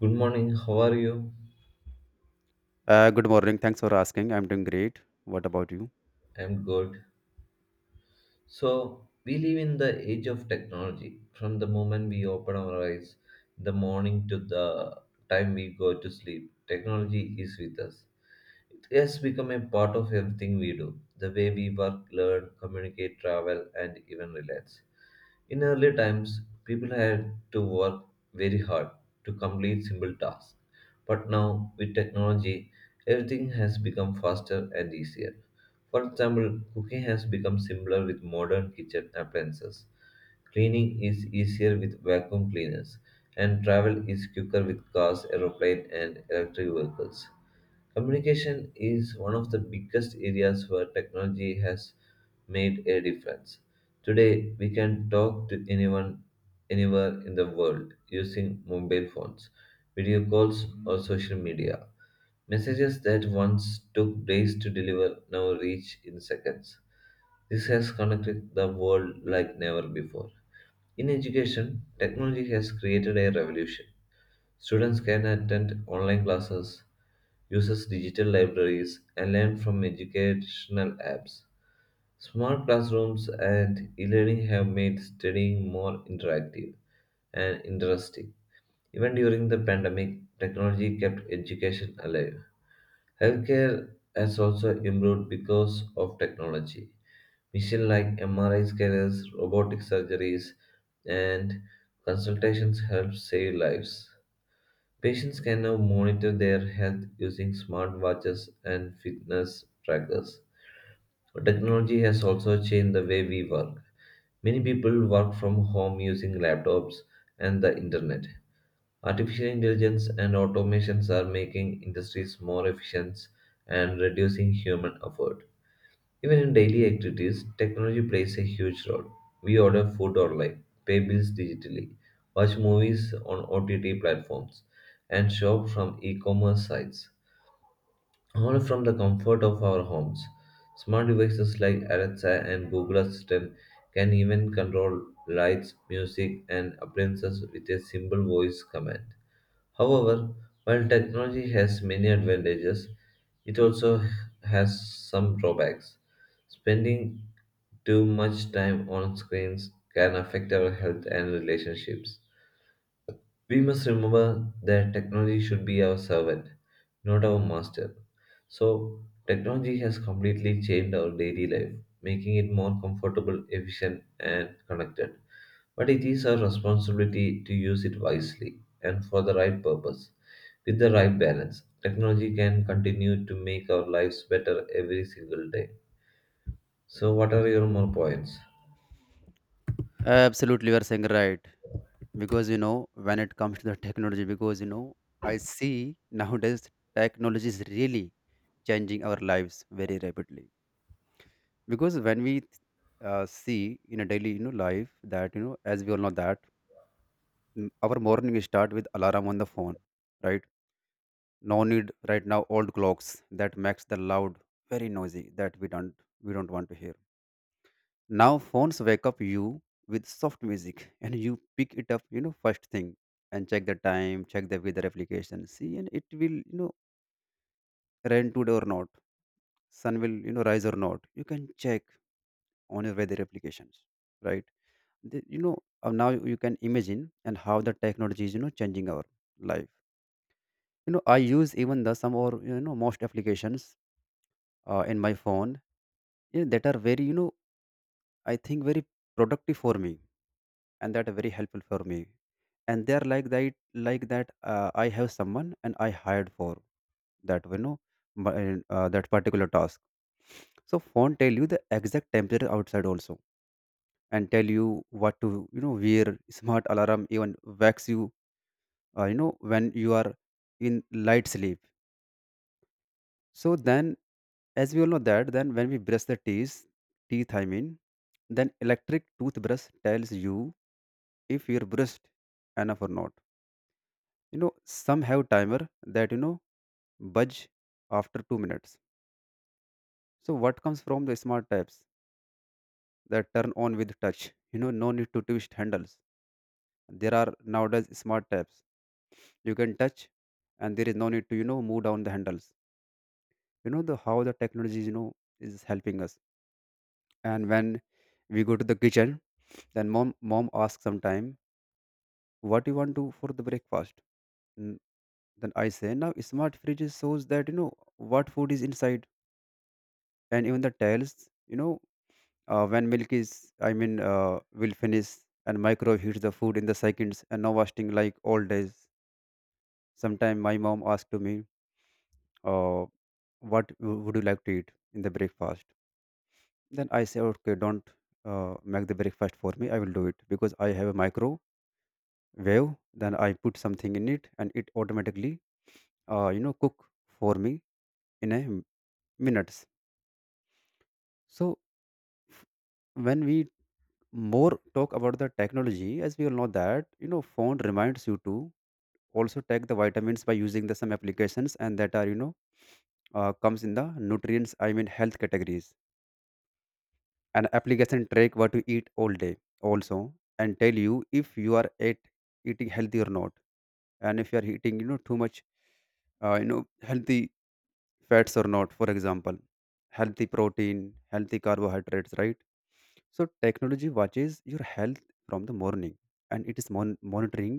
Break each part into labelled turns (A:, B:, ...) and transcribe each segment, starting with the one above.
A: Good morning, how are you?
B: Good morning. Thanks for asking. I'm doing great. What about you?
A: I'm good. So, we live in the age of technology. From the moment we open our eyes in the morning to the time we go to sleep, technology is with us. It has become a part of everything we do, the way we work, learn, communicate, travel, and even relax. In earlier times, people had to work very hard to complete simple tasks. But now, with technology, everything has become faster and easier. For example, cooking has become simpler with modern kitchen appliances. Cleaning is easier with vacuum cleaners, and travel is quicker with cars, aeroplanes, and electric vehicles. Communication is one of the biggest areas where technology has made a difference. Today, we can talk to anyone anywhere in the world using mobile phones, video calls, or social media. Messages that once took days to deliver now reach in seconds. This has connected the world like never before. In education, technology has created a revolution. Students can attend online classes, use digital libraries, and learn from educational apps. Smart classrooms and e learning have made studying more interactive and interesting. Even during the pandemic, technology kept education alive. Healthcare has also improved because of technology. Machines like MRI scanners, robotic surgeries, and consultations help save lives. Patients can now monitor their health using smartwatches and fitness trackers. Technology has also changed the way we work. Many people work from home using laptops and the internet. Artificial intelligence and automations are making industries more efficient and reducing human effort. Even in daily activities, technology plays a huge role. We order food online, pay bills digitally, watch movies on OTT platforms, and shop from e commerce sites. All from the comfort of our homes. Smart devices like Alexa and Google Assistant can even control lights, music, and appliances with a simple voice command. However, while technology has many advantages, it also has some drawbacks. Spending too much time on screens can affect our health and relationships. We must remember that technology should be our servant, not our master. So, technology has completely changed our daily life, making it more comfortable, efficient, and connected. But it is our responsibility to use it wisely and for the right purpose. With the right balance, technology can continue to make our lives better every single day. So, what are your more points?
B: Absolutely, you are saying right. Because when it comes to the technology, I see nowadays technology is really changing our lives very rapidly. Because when we see in a daily, life that as we all know that our morning start with alarm on the phone, right? No need right now old clocks that makes the loud very noisy that we don't want to hear. Now phones wake up you with soft music, and you pick it up, first thing, and check the time, check the weather application. See, and it will, rain today or not, sun will, rise or not. You can check on your weather applications, right? Now you can imagine and how the technology is, changing our life. I use even the some, or most applications in my phone, that are very, I think very productive for me, and that very helpful for me, and they are like that I have someone and I hired for that, that particular task. So phone tell you the exact temperature outside also, and tell you what to wear. Smart alarm even wakes you you know when you are in light sleep. So then, as we all know that, then when we brush the teeth, I mean, then electric toothbrush tells you if you're brushed enough or not. Some have timer that budge after 2 minutes. So what comes from the smart taps that turn on with touch, no need to twist handles. There are nowadays smart taps you can touch, and there is no need to move down the handles. The how the technology is helping us. And when we go to the kitchen, then mom asks sometime what you want to for the breakfast. Mm, then I say, now smart fridges shows that, what food is inside, and even the tails, you know when milk is, I mean, will finish. And microwave heats the food in the seconds, and no wasting like old days. Sometime my mom asked to me, uh, what would you like to eat in the breakfast? Then I say, okay, don't make the breakfast for me, I will do it because I have a microwave. Then I put something in it, and it automatically cook for me in a minutes. So f- when we more talk about the technology, as we all know that, phone reminds you to also take the vitamins by using the some applications, and that are, comes in the nutrients, I mean, health categories. An application track what you eat all day also, and tell you if you are at eating healthy or not, and if you are eating, too much, healthy fats or not, for example, healthy protein, healthy carbohydrates, right? So technology watches your health from the morning, and it is monitoring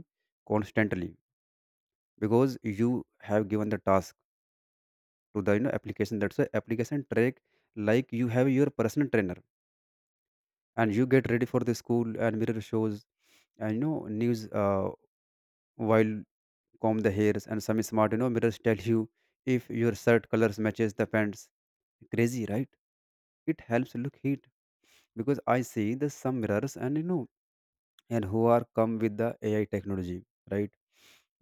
B: constantly, because you have given the task to the, application. That's why application track, like you have your personal trainer. And you get ready for the school, and mirror shows, and, news, while comb the hairs, and some smart, mirrors tell you if your shirt colors matches the pants. Crazy, right? It helps look hit, because I see the some mirrors, and, and who are come with the AI technology, right?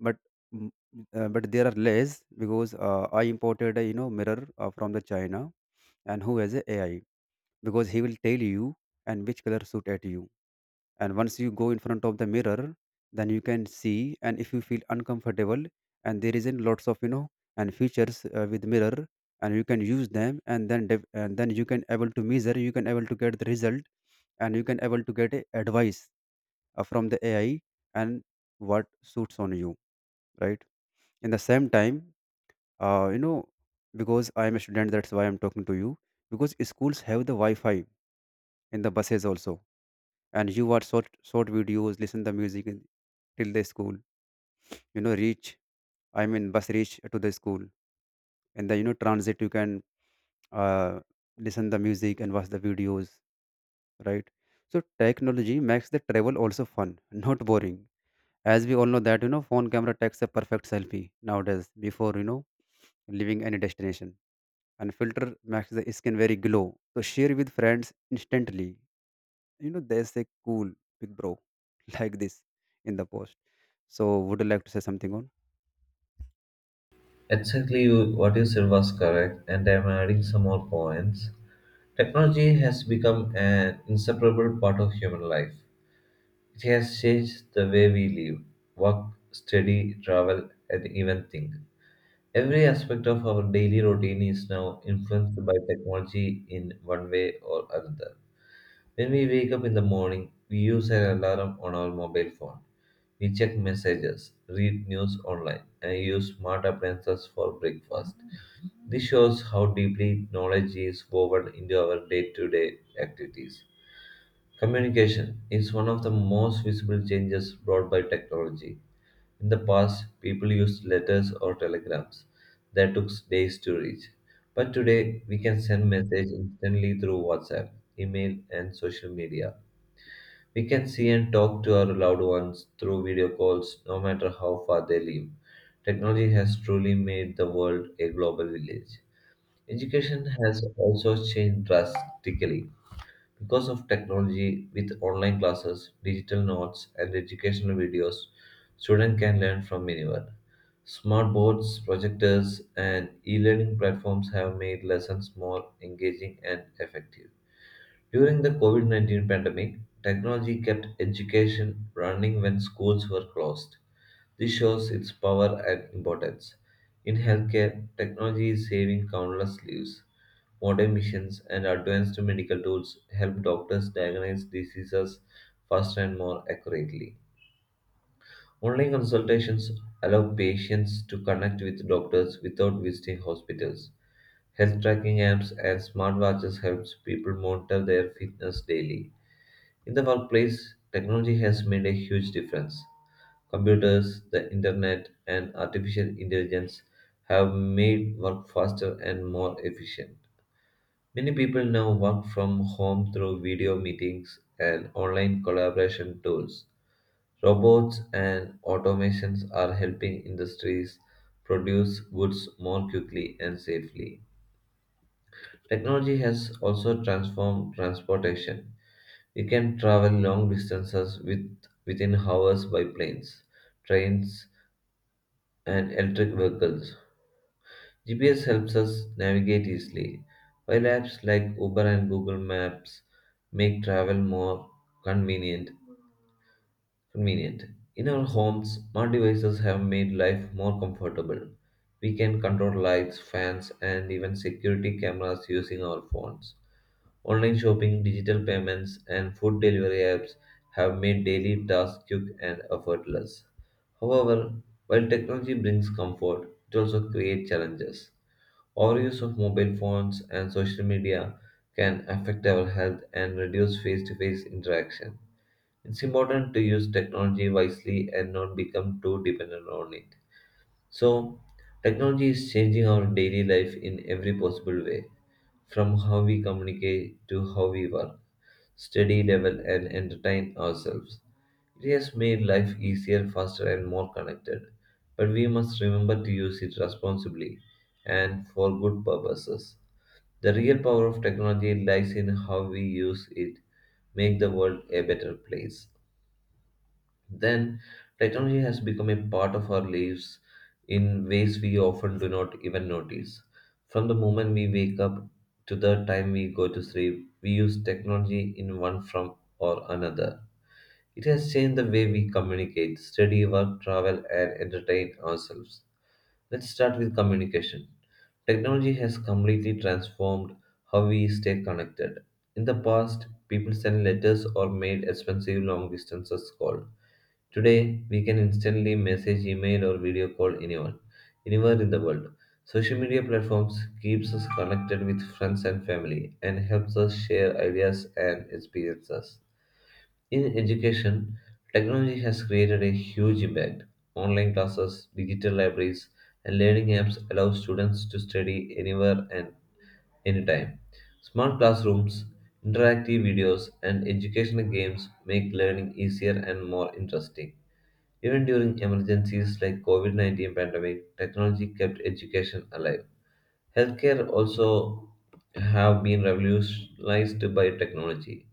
B: But mm, uh, but there are less, because I imported a, mirror from the China, and who has a AI, because he will tell you and which color suit at you. And once you go in front of the mirror, then you can see, and if you feel uncomfortable, and there is in lots of, and features, with mirror, and you can use them, and then and then you can able to measure, you can able to get the result, and you can able to get a advice from the AI, and what suits on you, right? In the same time, uh, you know because I am a student, that's why I'm talking to you. Because schools have the Wi-Fi in the buses also, and you watch short short videos, listen the music, till the school, reach, I mean bus reach to the school. And the, transit, you can uh, listen the music and watch the videos, right? So technology makes the travel also fun, not boring. As we all know that, phone camera takes a perfect selfie nowadays, before, leaving any destination. And filter makes the skin very glow, so share with friends instantly, they say, cool, big bro. Like this in the post. So would you like to say something on?
A: Exactly, what you said was correct, and I'm adding some more points. Technology has become an inseparable part of human life. It has changed the way we live, work, study, travel, and even think. Every aspect of our daily routine is now influenced by technology in one way or another. When we wake up in the morning, we use an alarm on our mobile phone. We check messages, read news online, and use smart appliances for breakfast. This shows how deeply knowledge is woven into our day to day activities. Communication is one of the most visible changes brought by technology. In the past, people used letters or telegrams that took days to reach. But today, we can send messages instantly through WhatsApp, email, and social media. We can see and talk to our loved ones through video calls, no matter how far they live. Technology has truly made the world a global village. Education has also changed drastically. Because of technology, with online classes, digital notes, and educational videos, students can learn from anywhere. Smart boards, projectors, and e learning platforms have made lessons more engaging and effective. During the COVID-19 pandemic, technology kept education running when schools were closed. This shows its power and importance. In healthcare, technology is saving countless lives. Modern machines and advanced medical tools help doctors diagnose diseases faster and more accurately. Online consultations allow patients to connect with doctors without visiting hospitals. Health tracking apps and smartwatches helps people monitor their fitness daily. In the workplace, technology has made a huge difference. Computers, the internet, and artificial intelligence have made work faster and more efficient. Many people now work from home through video meetings and online collaboration tools. Robots and automations are helping industries produce goods more quickly and safely. Technology has also transformed transportation. We can travel long distances within hours by planes, trains, and electric vehicles. GPS helps us navigate easily, while apps like Uber and Google Maps make travel more convenient. Convenient. In our homes, smart devices have made life more comfortable. We can control lights, fans, and even security cameras using our phones. Online shopping, digital payments, and food delivery apps have made daily tasks quick and effortless. However, while technology brings comfort, it also creates challenges. Overuse of mobile phones and social media can affect our health and reduce face to face interaction. It's important to use technology wisely and not become too dependent on it. So, technology is changing our daily life in every possible way, from how we communicate to how we work, study, level, and entertain ourselves. It has made life easier, faster, and more connected. But we must remember to use it responsibly and for good purposes. The real power of technology lies in how we use it, make the world a better place. Then, technology has become a part of our lives in ways we often do not even notice. From the moment we wake up to the time we go to sleep, we use technology in one form or another. It has changed the way we communicate, study, work, travel, and entertain ourselves. Let's start with communication. Technology has completely transformed how we stay connected. In the past, people sent letters or made expensive long distance calls. Today, we can instantly message, email, or video call anyone, anywhere in the world. Social media platforms keeps us connected with friends and family and helps us share ideas and experiences. In education, technology has created a huge impact. Online classes, digital libraries, and learning apps allow students to study anywhere and anytime. Smart classrooms, interactive videos, and educational games make learning easier and more interesting. Even during emergencies like COVID-19 pandemic, technology kept education alive. Healthcare also have been revolutionized by technology.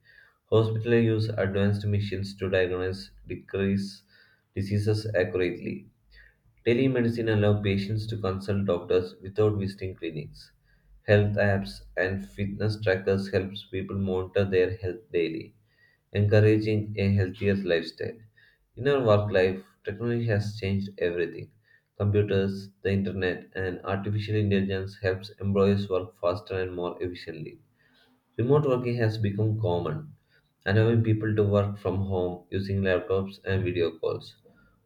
A: Hospitals use advanced machines to diagnose decrease diseases accurately. Telemedicine allows patients to consult doctors without visiting clinics. Health apps and fitness trackers helps people monitor their health daily, encouraging a healthier lifestyle. In our work life, technology has changed everything. Computers, the internet, and artificial intelligence helps employees work faster and more efficiently. Remote working has become common, allowing people to work from home using laptops and video calls.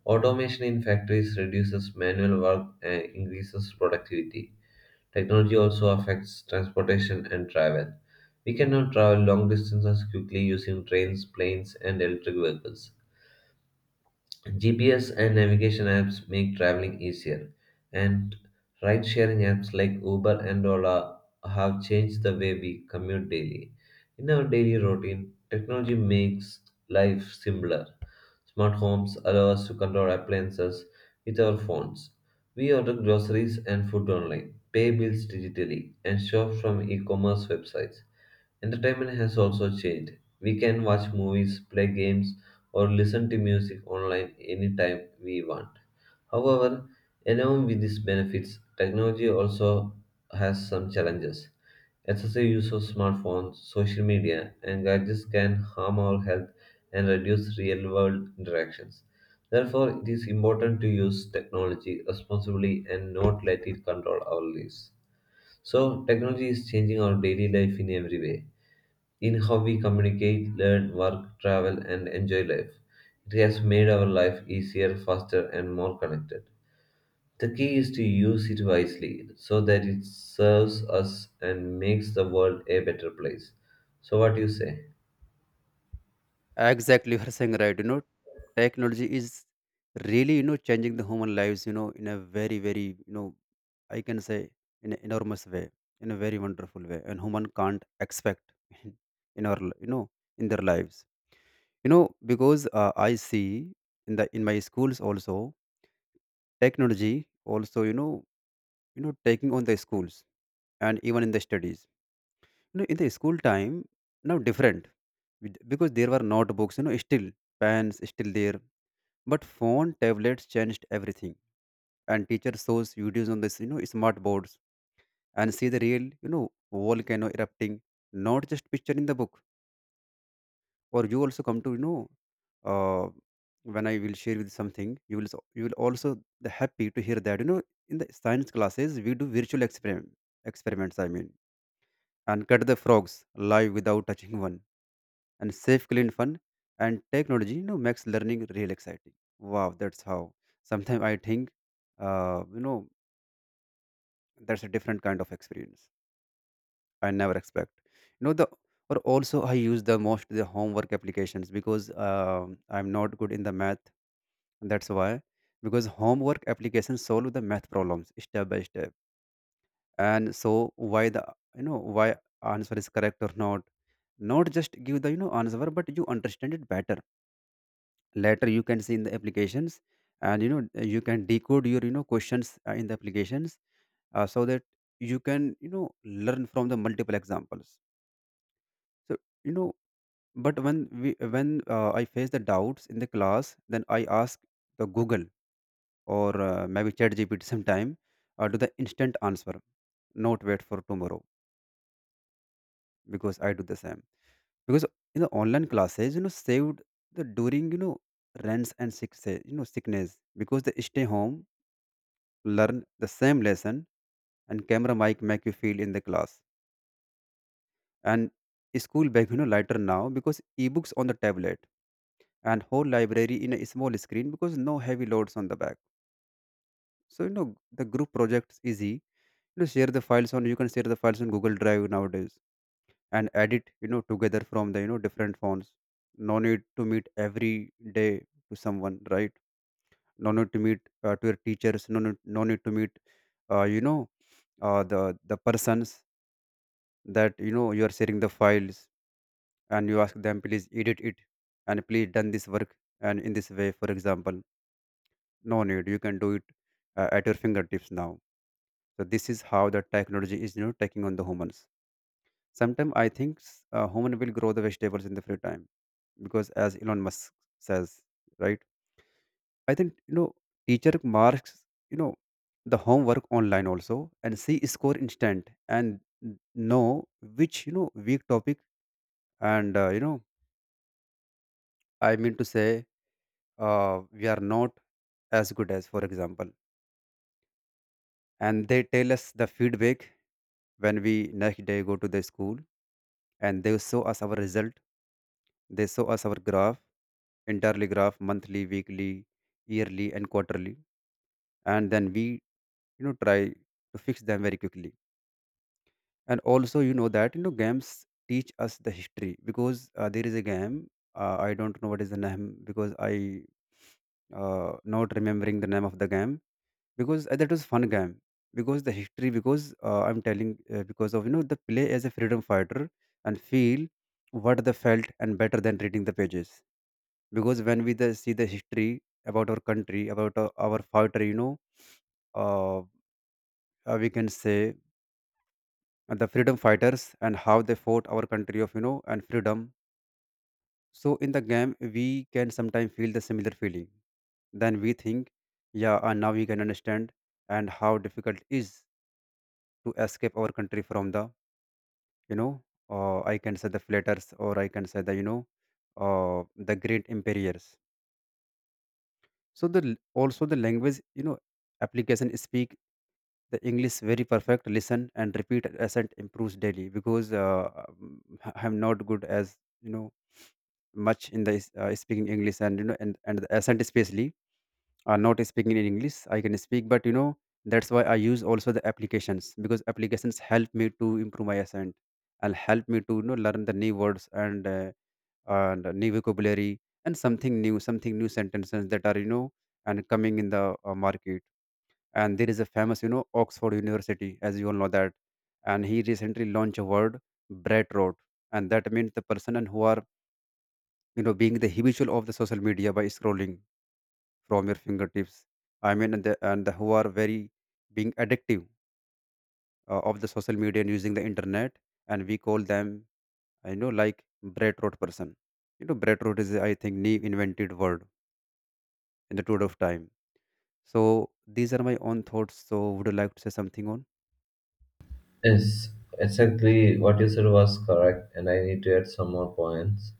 A: Automation in factories reduces manual work and increases productivity. Technology also affects transportation and travel. We can now travel long distances quickly using trains, planes, and electric vehicles. GPS and navigation apps make traveling easier, and ride sharing apps like Uber and Ola have changed the way we commute daily. In our daily routine, technology makes life simpler. Smart homes allow us to control appliances with our phones. We order groceries and food online, pay bills digitally, and shop from e commerce websites. Entertainment has also changed. We can watch movies, play games, or listen to music online anytime we want. However, along with these benefits, technology also has some challenges. Excessive use of smartphones, social media, and gadgets can harm our health and reduce real world interactions. Therefore, it is important to use technology responsibly and not let it control our lives. So, technology is changing our daily life in every way, in how we communicate, learn, work, travel, and enjoy life. It has made our life easier, faster, and more connected. The key is to use it wisely so that it serves us and makes the world a better place. So, what do you say?
B: Exactly, you're saying right, technology is really, changing the human lives, in a very very, I can say, in an enormous way, in a very wonderful way, and human can't expect, in our in their lives, you know because I see in my schools also. Technology also, taking on the schools, and even in the studies. In the school time, now different, because there were notebooks, still pens, still there. But phone, tablets changed everything, and teacher shows videos on this, smart boards, and see the real, volcano erupting, not just picture in the book. Or you also come to, uh, when I will share with something, you will you will also the happy to hear that, in the science classes we do virtual experiments. I mean, and cut the frogs live without touching one, and safe, clean, fun, and technology, makes learning real exciting. Wow, that's how. Sometimes I think, uh, you know, that's a different kind of experience. I never expect. You know the or also I use the most the homework applications, because I'm not good in the math. That's why, because homework applications solve the math problems step by step, and so why the, why answer is correct or not, not just give the, answer, but you understand it better. Later you can see in the applications, and, you can decode your, questions in the applications, so that you can, learn from the multiple examples. So, you know but when I face the doubts in the class, then I ask the Google, or maybe Chat GPT sometime, to the instant answer, not wait for tomorrow. Because I do the same, because in the online classes, saved the during, rents and sick, say, sickness, because they stay home, learn the same lesson. And camera mic make you feel in the class. And school bag, lighter now, because ebooks on the tablet, and whole library in a small screen, because no heavy loads on the back. So, the group projects easy, share the files on you can share the files on Google Drive nowadays, and edit, together from the, different phones. No need to meet every day to someone, right? No need to meet, to your teachers, no need, no need to meet, uh, you know the persons that, you are sharing the files, and you ask them, please edit it, and please done this work, and in this way, for example, no need, you can do it at your fingertips now. So this is how the technology is, taking on the humans. Sometimes I think, human will grow the vegetables in the free time, because as Elon Musk says, right? I think, teacher marks, you know the homework online also, and see score instant, and know which, weak topic, and I mean to say, we are not as good as, for example. And they tell us the feedback when we next day go to the school, and they show us our result, they show us our graph, entirely graph, monthly, weekly, yearly, and quarterly. And then we, try to fix them very quickly. And also, that, games teach us the history, because there is a game, I don't know what is the name because I not remembering the name of the game because that was fun game because the history because I'm telling because of you know the play as a freedom fighter and feel what they felt and better than reading the pages because when we see the history about our country about our fighter you know uh, we can say and the freedom fighters and how they fought our country of you know and freedom. So in the game we can sometimes feel the similar feeling, then we think, yeah, and now we can understand and how difficult is to escape our country from the you know I can say the flatters or I can say the you know uh, the great empires. So also the language, you know, application speak the English very perfect, listen and repeat, accent improves daily because I'm not good as you know much in the speaking English and you know and the accent especially are not speaking in English. I can speak but you know that's why I use also the applications because applications help me to improve my accent and help me to you know learn the new words and new vocabulary and something new, something new sentences that are you know and coming in the market. And there is a famous you know Oxford University as you all know that, and he recently launched a word, bread rot, and that means the person and who are you know being the habitual of the social media by scrolling from your fingertips. I mean and the who are very being addictive of the social media and using the internet, and we call them, I know, like bread rot person. You know bread rot is I think new invented word in the tour of time. So these are my own thoughts. So would you like to say something on?
A: Yes, exactly what you said was correct, and I need to add some more points.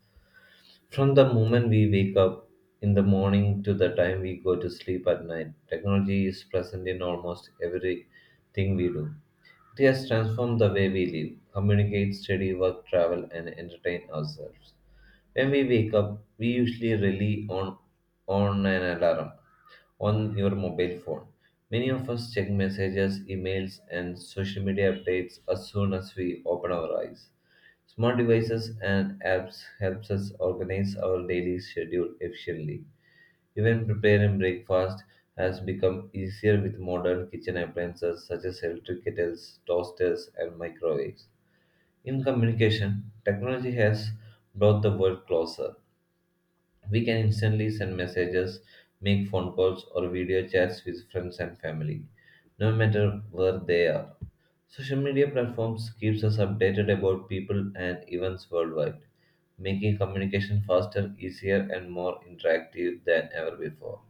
A: From the moment we wake up in the morning to the time we go to sleep at night, technology is present in almost everything we do. It has transformed the way we live, communicate, study, work, travel, and entertain ourselves. When we wake up, we usually rely on an alarm on your mobile phone. Many of us check messages, emails, and social media updates as soon as we open our eyes. Smart devices and apps helps us organize our daily schedule efficiently. Even preparing breakfast has become easier with modern kitchen appliances such as electric kettles, toasters, and microwaves. In communication, technology has brought the world closer. We can instantly send messages, make phone calls, or video chats with friends and family, no matter where they are. Social media platforms keeps us updated about people and events worldwide, making communication faster, easier, and more interactive than ever before.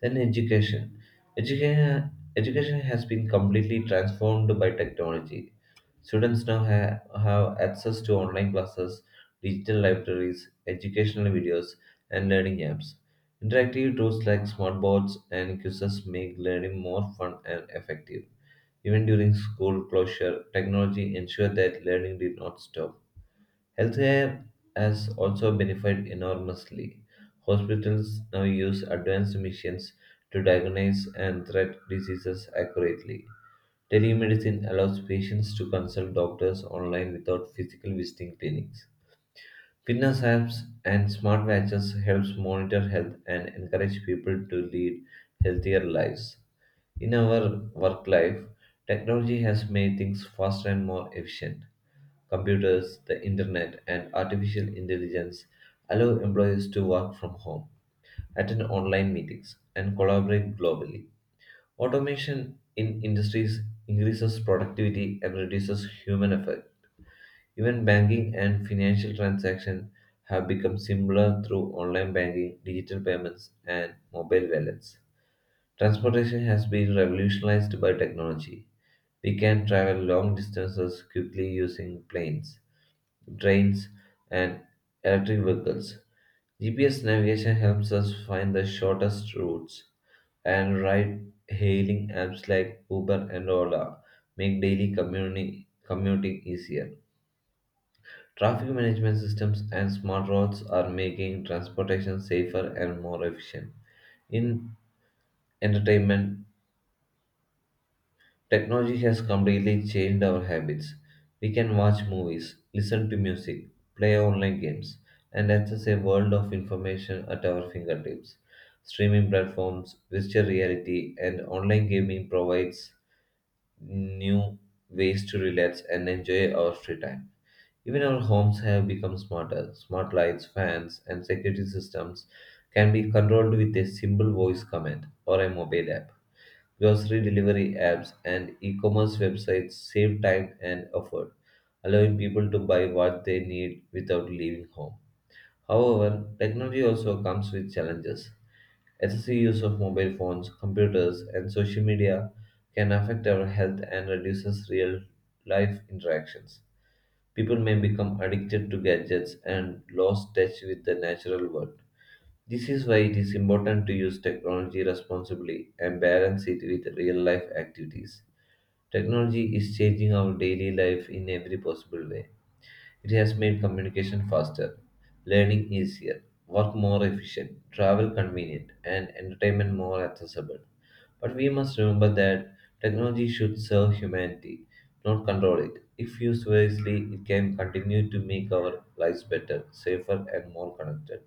A: Then education. Education, education has been completely transformed by technology. Students now have access to online classes, digital libraries, educational videos, and learning apps. Interactive tools like smartboards and quizzes make learning more fun and effective. Even during school closure, technology ensured that learning did not stop. Healthcare has also benefited enormously. Hospitals now use advanced machines to diagnose and treat diseases accurately. Telemedicine allows patients to consult doctors online without physically visiting clinics. Fitness apps and smart watches helps monitor health and encourage people to lead healthier lives. In our work life, technology has made things faster and more efficient. Computers, the internet, and artificial intelligence allow employees to work from home, attend online meetings, and collaborate globally. Automation in industries increases productivity and reduces human effort. Even banking and financial transactions have become simpler through online banking, digital payments, and mobile wallets. Transportation has been revolutionized by technology. We can travel long distances quickly using planes, trains, and electric vehicles. GPS navigation helps us find the shortest routes, and ride hailing apps like Uber and Ola make daily commuting easier. Traffic management systems and smart roads are making transportation safer and more efficient. In entertainment, technology has completely changed our habits. We can watch movies, listen to music, play online games, and access a world of information at our fingertips. Streaming platforms, virtual reality, and online gaming provides new ways to relax and enjoy our free time. Even our homes have become smarter. Smart lights, fans, and security systems can be controlled with a simple voice command or a mobile app. Grocery delivery apps and e commerce websites save time and effort, allowing people to buy what they need without leaving home. However, technology also comes with challenges. Excessive use of mobile phones, computers, and social media can affect our health and reduces real life interactions. People may become addicted to gadgets and lost touch with the natural world. This is why it is important to use technology responsibly and balance it with real life activities. Technology is changing our daily life in every possible way. It has made communication faster, learning easier, work more efficient, travel convenient, and entertainment more accessible. But we must remember that technology should serve humanity, not control it. If used wisely, it can continue to make our lives better, safer, and more connected.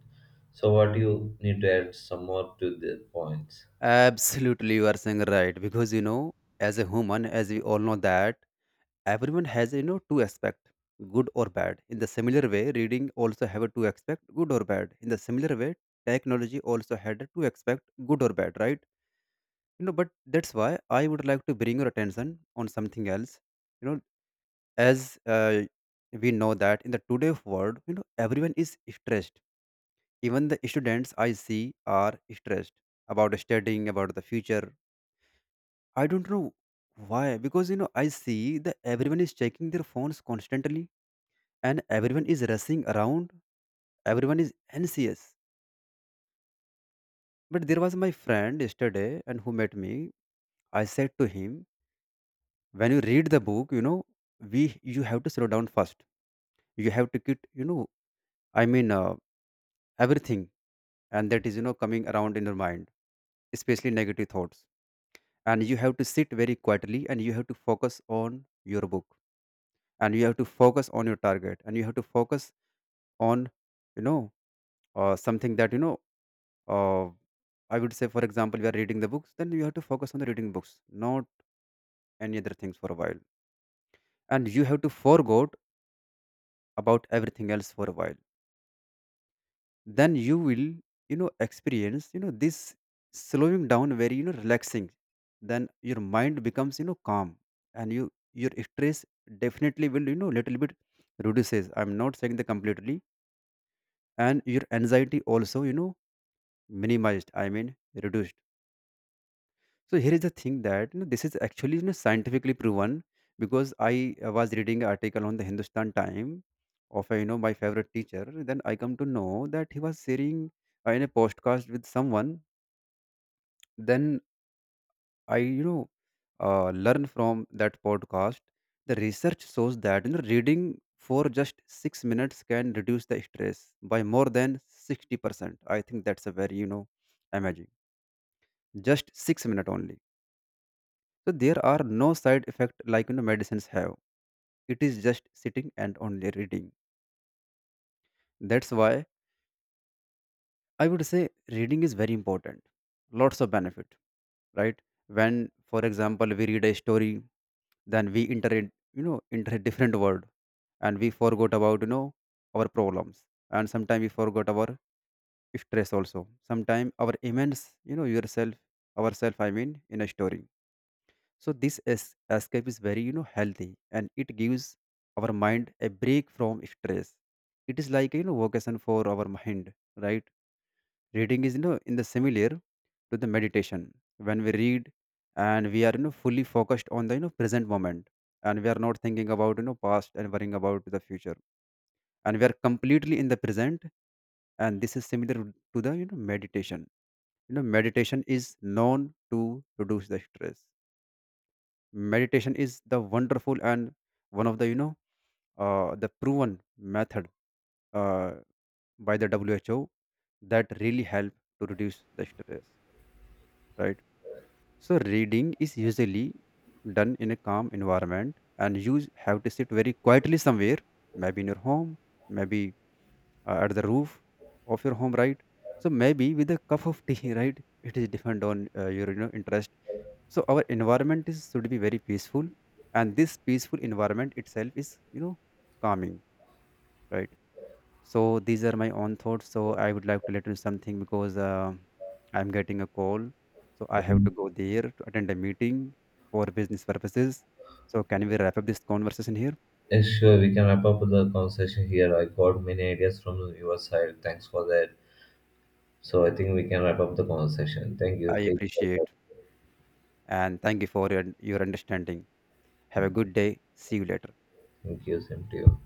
A: So, what do you need to add some more to the points?
B: Absolutely, you are saying right because you know, as a human, as we all know that everyone has you know two aspect, good or bad. In the similar way, reading also have a two aspect, good or bad. In the similar way, technology also had a two aspect, good or bad, right? You know, but that's why I would like to bring your attention on something else. You know, as we know that in the today of world, you know, everyone is stressed. Even the students I see are stressed about studying, about the future. I don't know why, because you know, I see that everyone is checking their phones constantly and everyone is rushing around, everyone is anxious. But there was my friend yesterday and who met me. I said to him, when you read the book, you know, we you have to slow down first. You have to get, you know, I mean, everything, and that is, you know, coming around in your mind, especially negative thoughts, and you have to sit very quietly and you have to focus on your book, and you have to focus on your target, and you have to focus on you know something that you know uh, I would say for example we are reading the books, then you have to focus on the reading books, not any other things for a while, and you have to forget about everything else for a while. Then you will you know experience you know this slowing down, very you know relaxing. Then your mind becomes you know calm, and you your stress definitely will you know little bit reduces, I'm not saying the completely, and your anxiety also you know minimized, I mean reduced. So here is the thing that you know, this is actually you know, scientifically proven because I was reading an article on the Hindustan Time of you know my favorite teacher. Then I come to know that he was sharing in a podcast with someone, then I you know learn from that podcast the research shows that you know reading for just 6 minutes can reduce the stress by more than 60%. I think that's a very you know amazing, just 6 minutes only. So there are no side effect like you know medicines have, it is just sitting and only reading. That's why I would say reading is very important, lots of benefit, right? When, for example, we read a story, then we enter it, you know, enter a different world, and we forgot about, you know, our problems. And sometimes we forgot our stress also. Sometimes our immense, you know, yourself, ourself, I mean, in a story. So this escape is very, you know, healthy, and it gives our mind a break from stress. It is like, you know, vocation for our mind, right? Reading is you know, in the similar to the meditation. When we read, and we are you know, fully focused on the you know, present moment, and we are not thinking about you know past and worrying about the future, and we are completely in the present, and this is similar to the you know meditation. You know meditation is known to reduce the stress. Meditation is the wonderful and one of the you know the proven method uh, by the who that really help to reduce the stress, right? So reading is usually done in a calm environment, and you have to sit very quietly somewhere, maybe in your home, maybe at the roof of your home, right? So maybe with a cup of tea, right? It is depend on your you know interest. So our environment is should be very peaceful, and this peaceful environment itself is you know calming, right? So these are my own thoughts. So I would like to let you something because I'm getting a call. So I have to go there to attend a meeting for business purposes. So can we wrap up this conversation here?
A: Yes, sure, we can wrap up the conversation here. I got many ideas from your side. Thanks for that. So I think we can wrap up the conversation. Thank you.
B: I
A: Take care.
B: appreciate and thank you for your understanding. Have a good day. See you later.
A: Thank you. Same to you.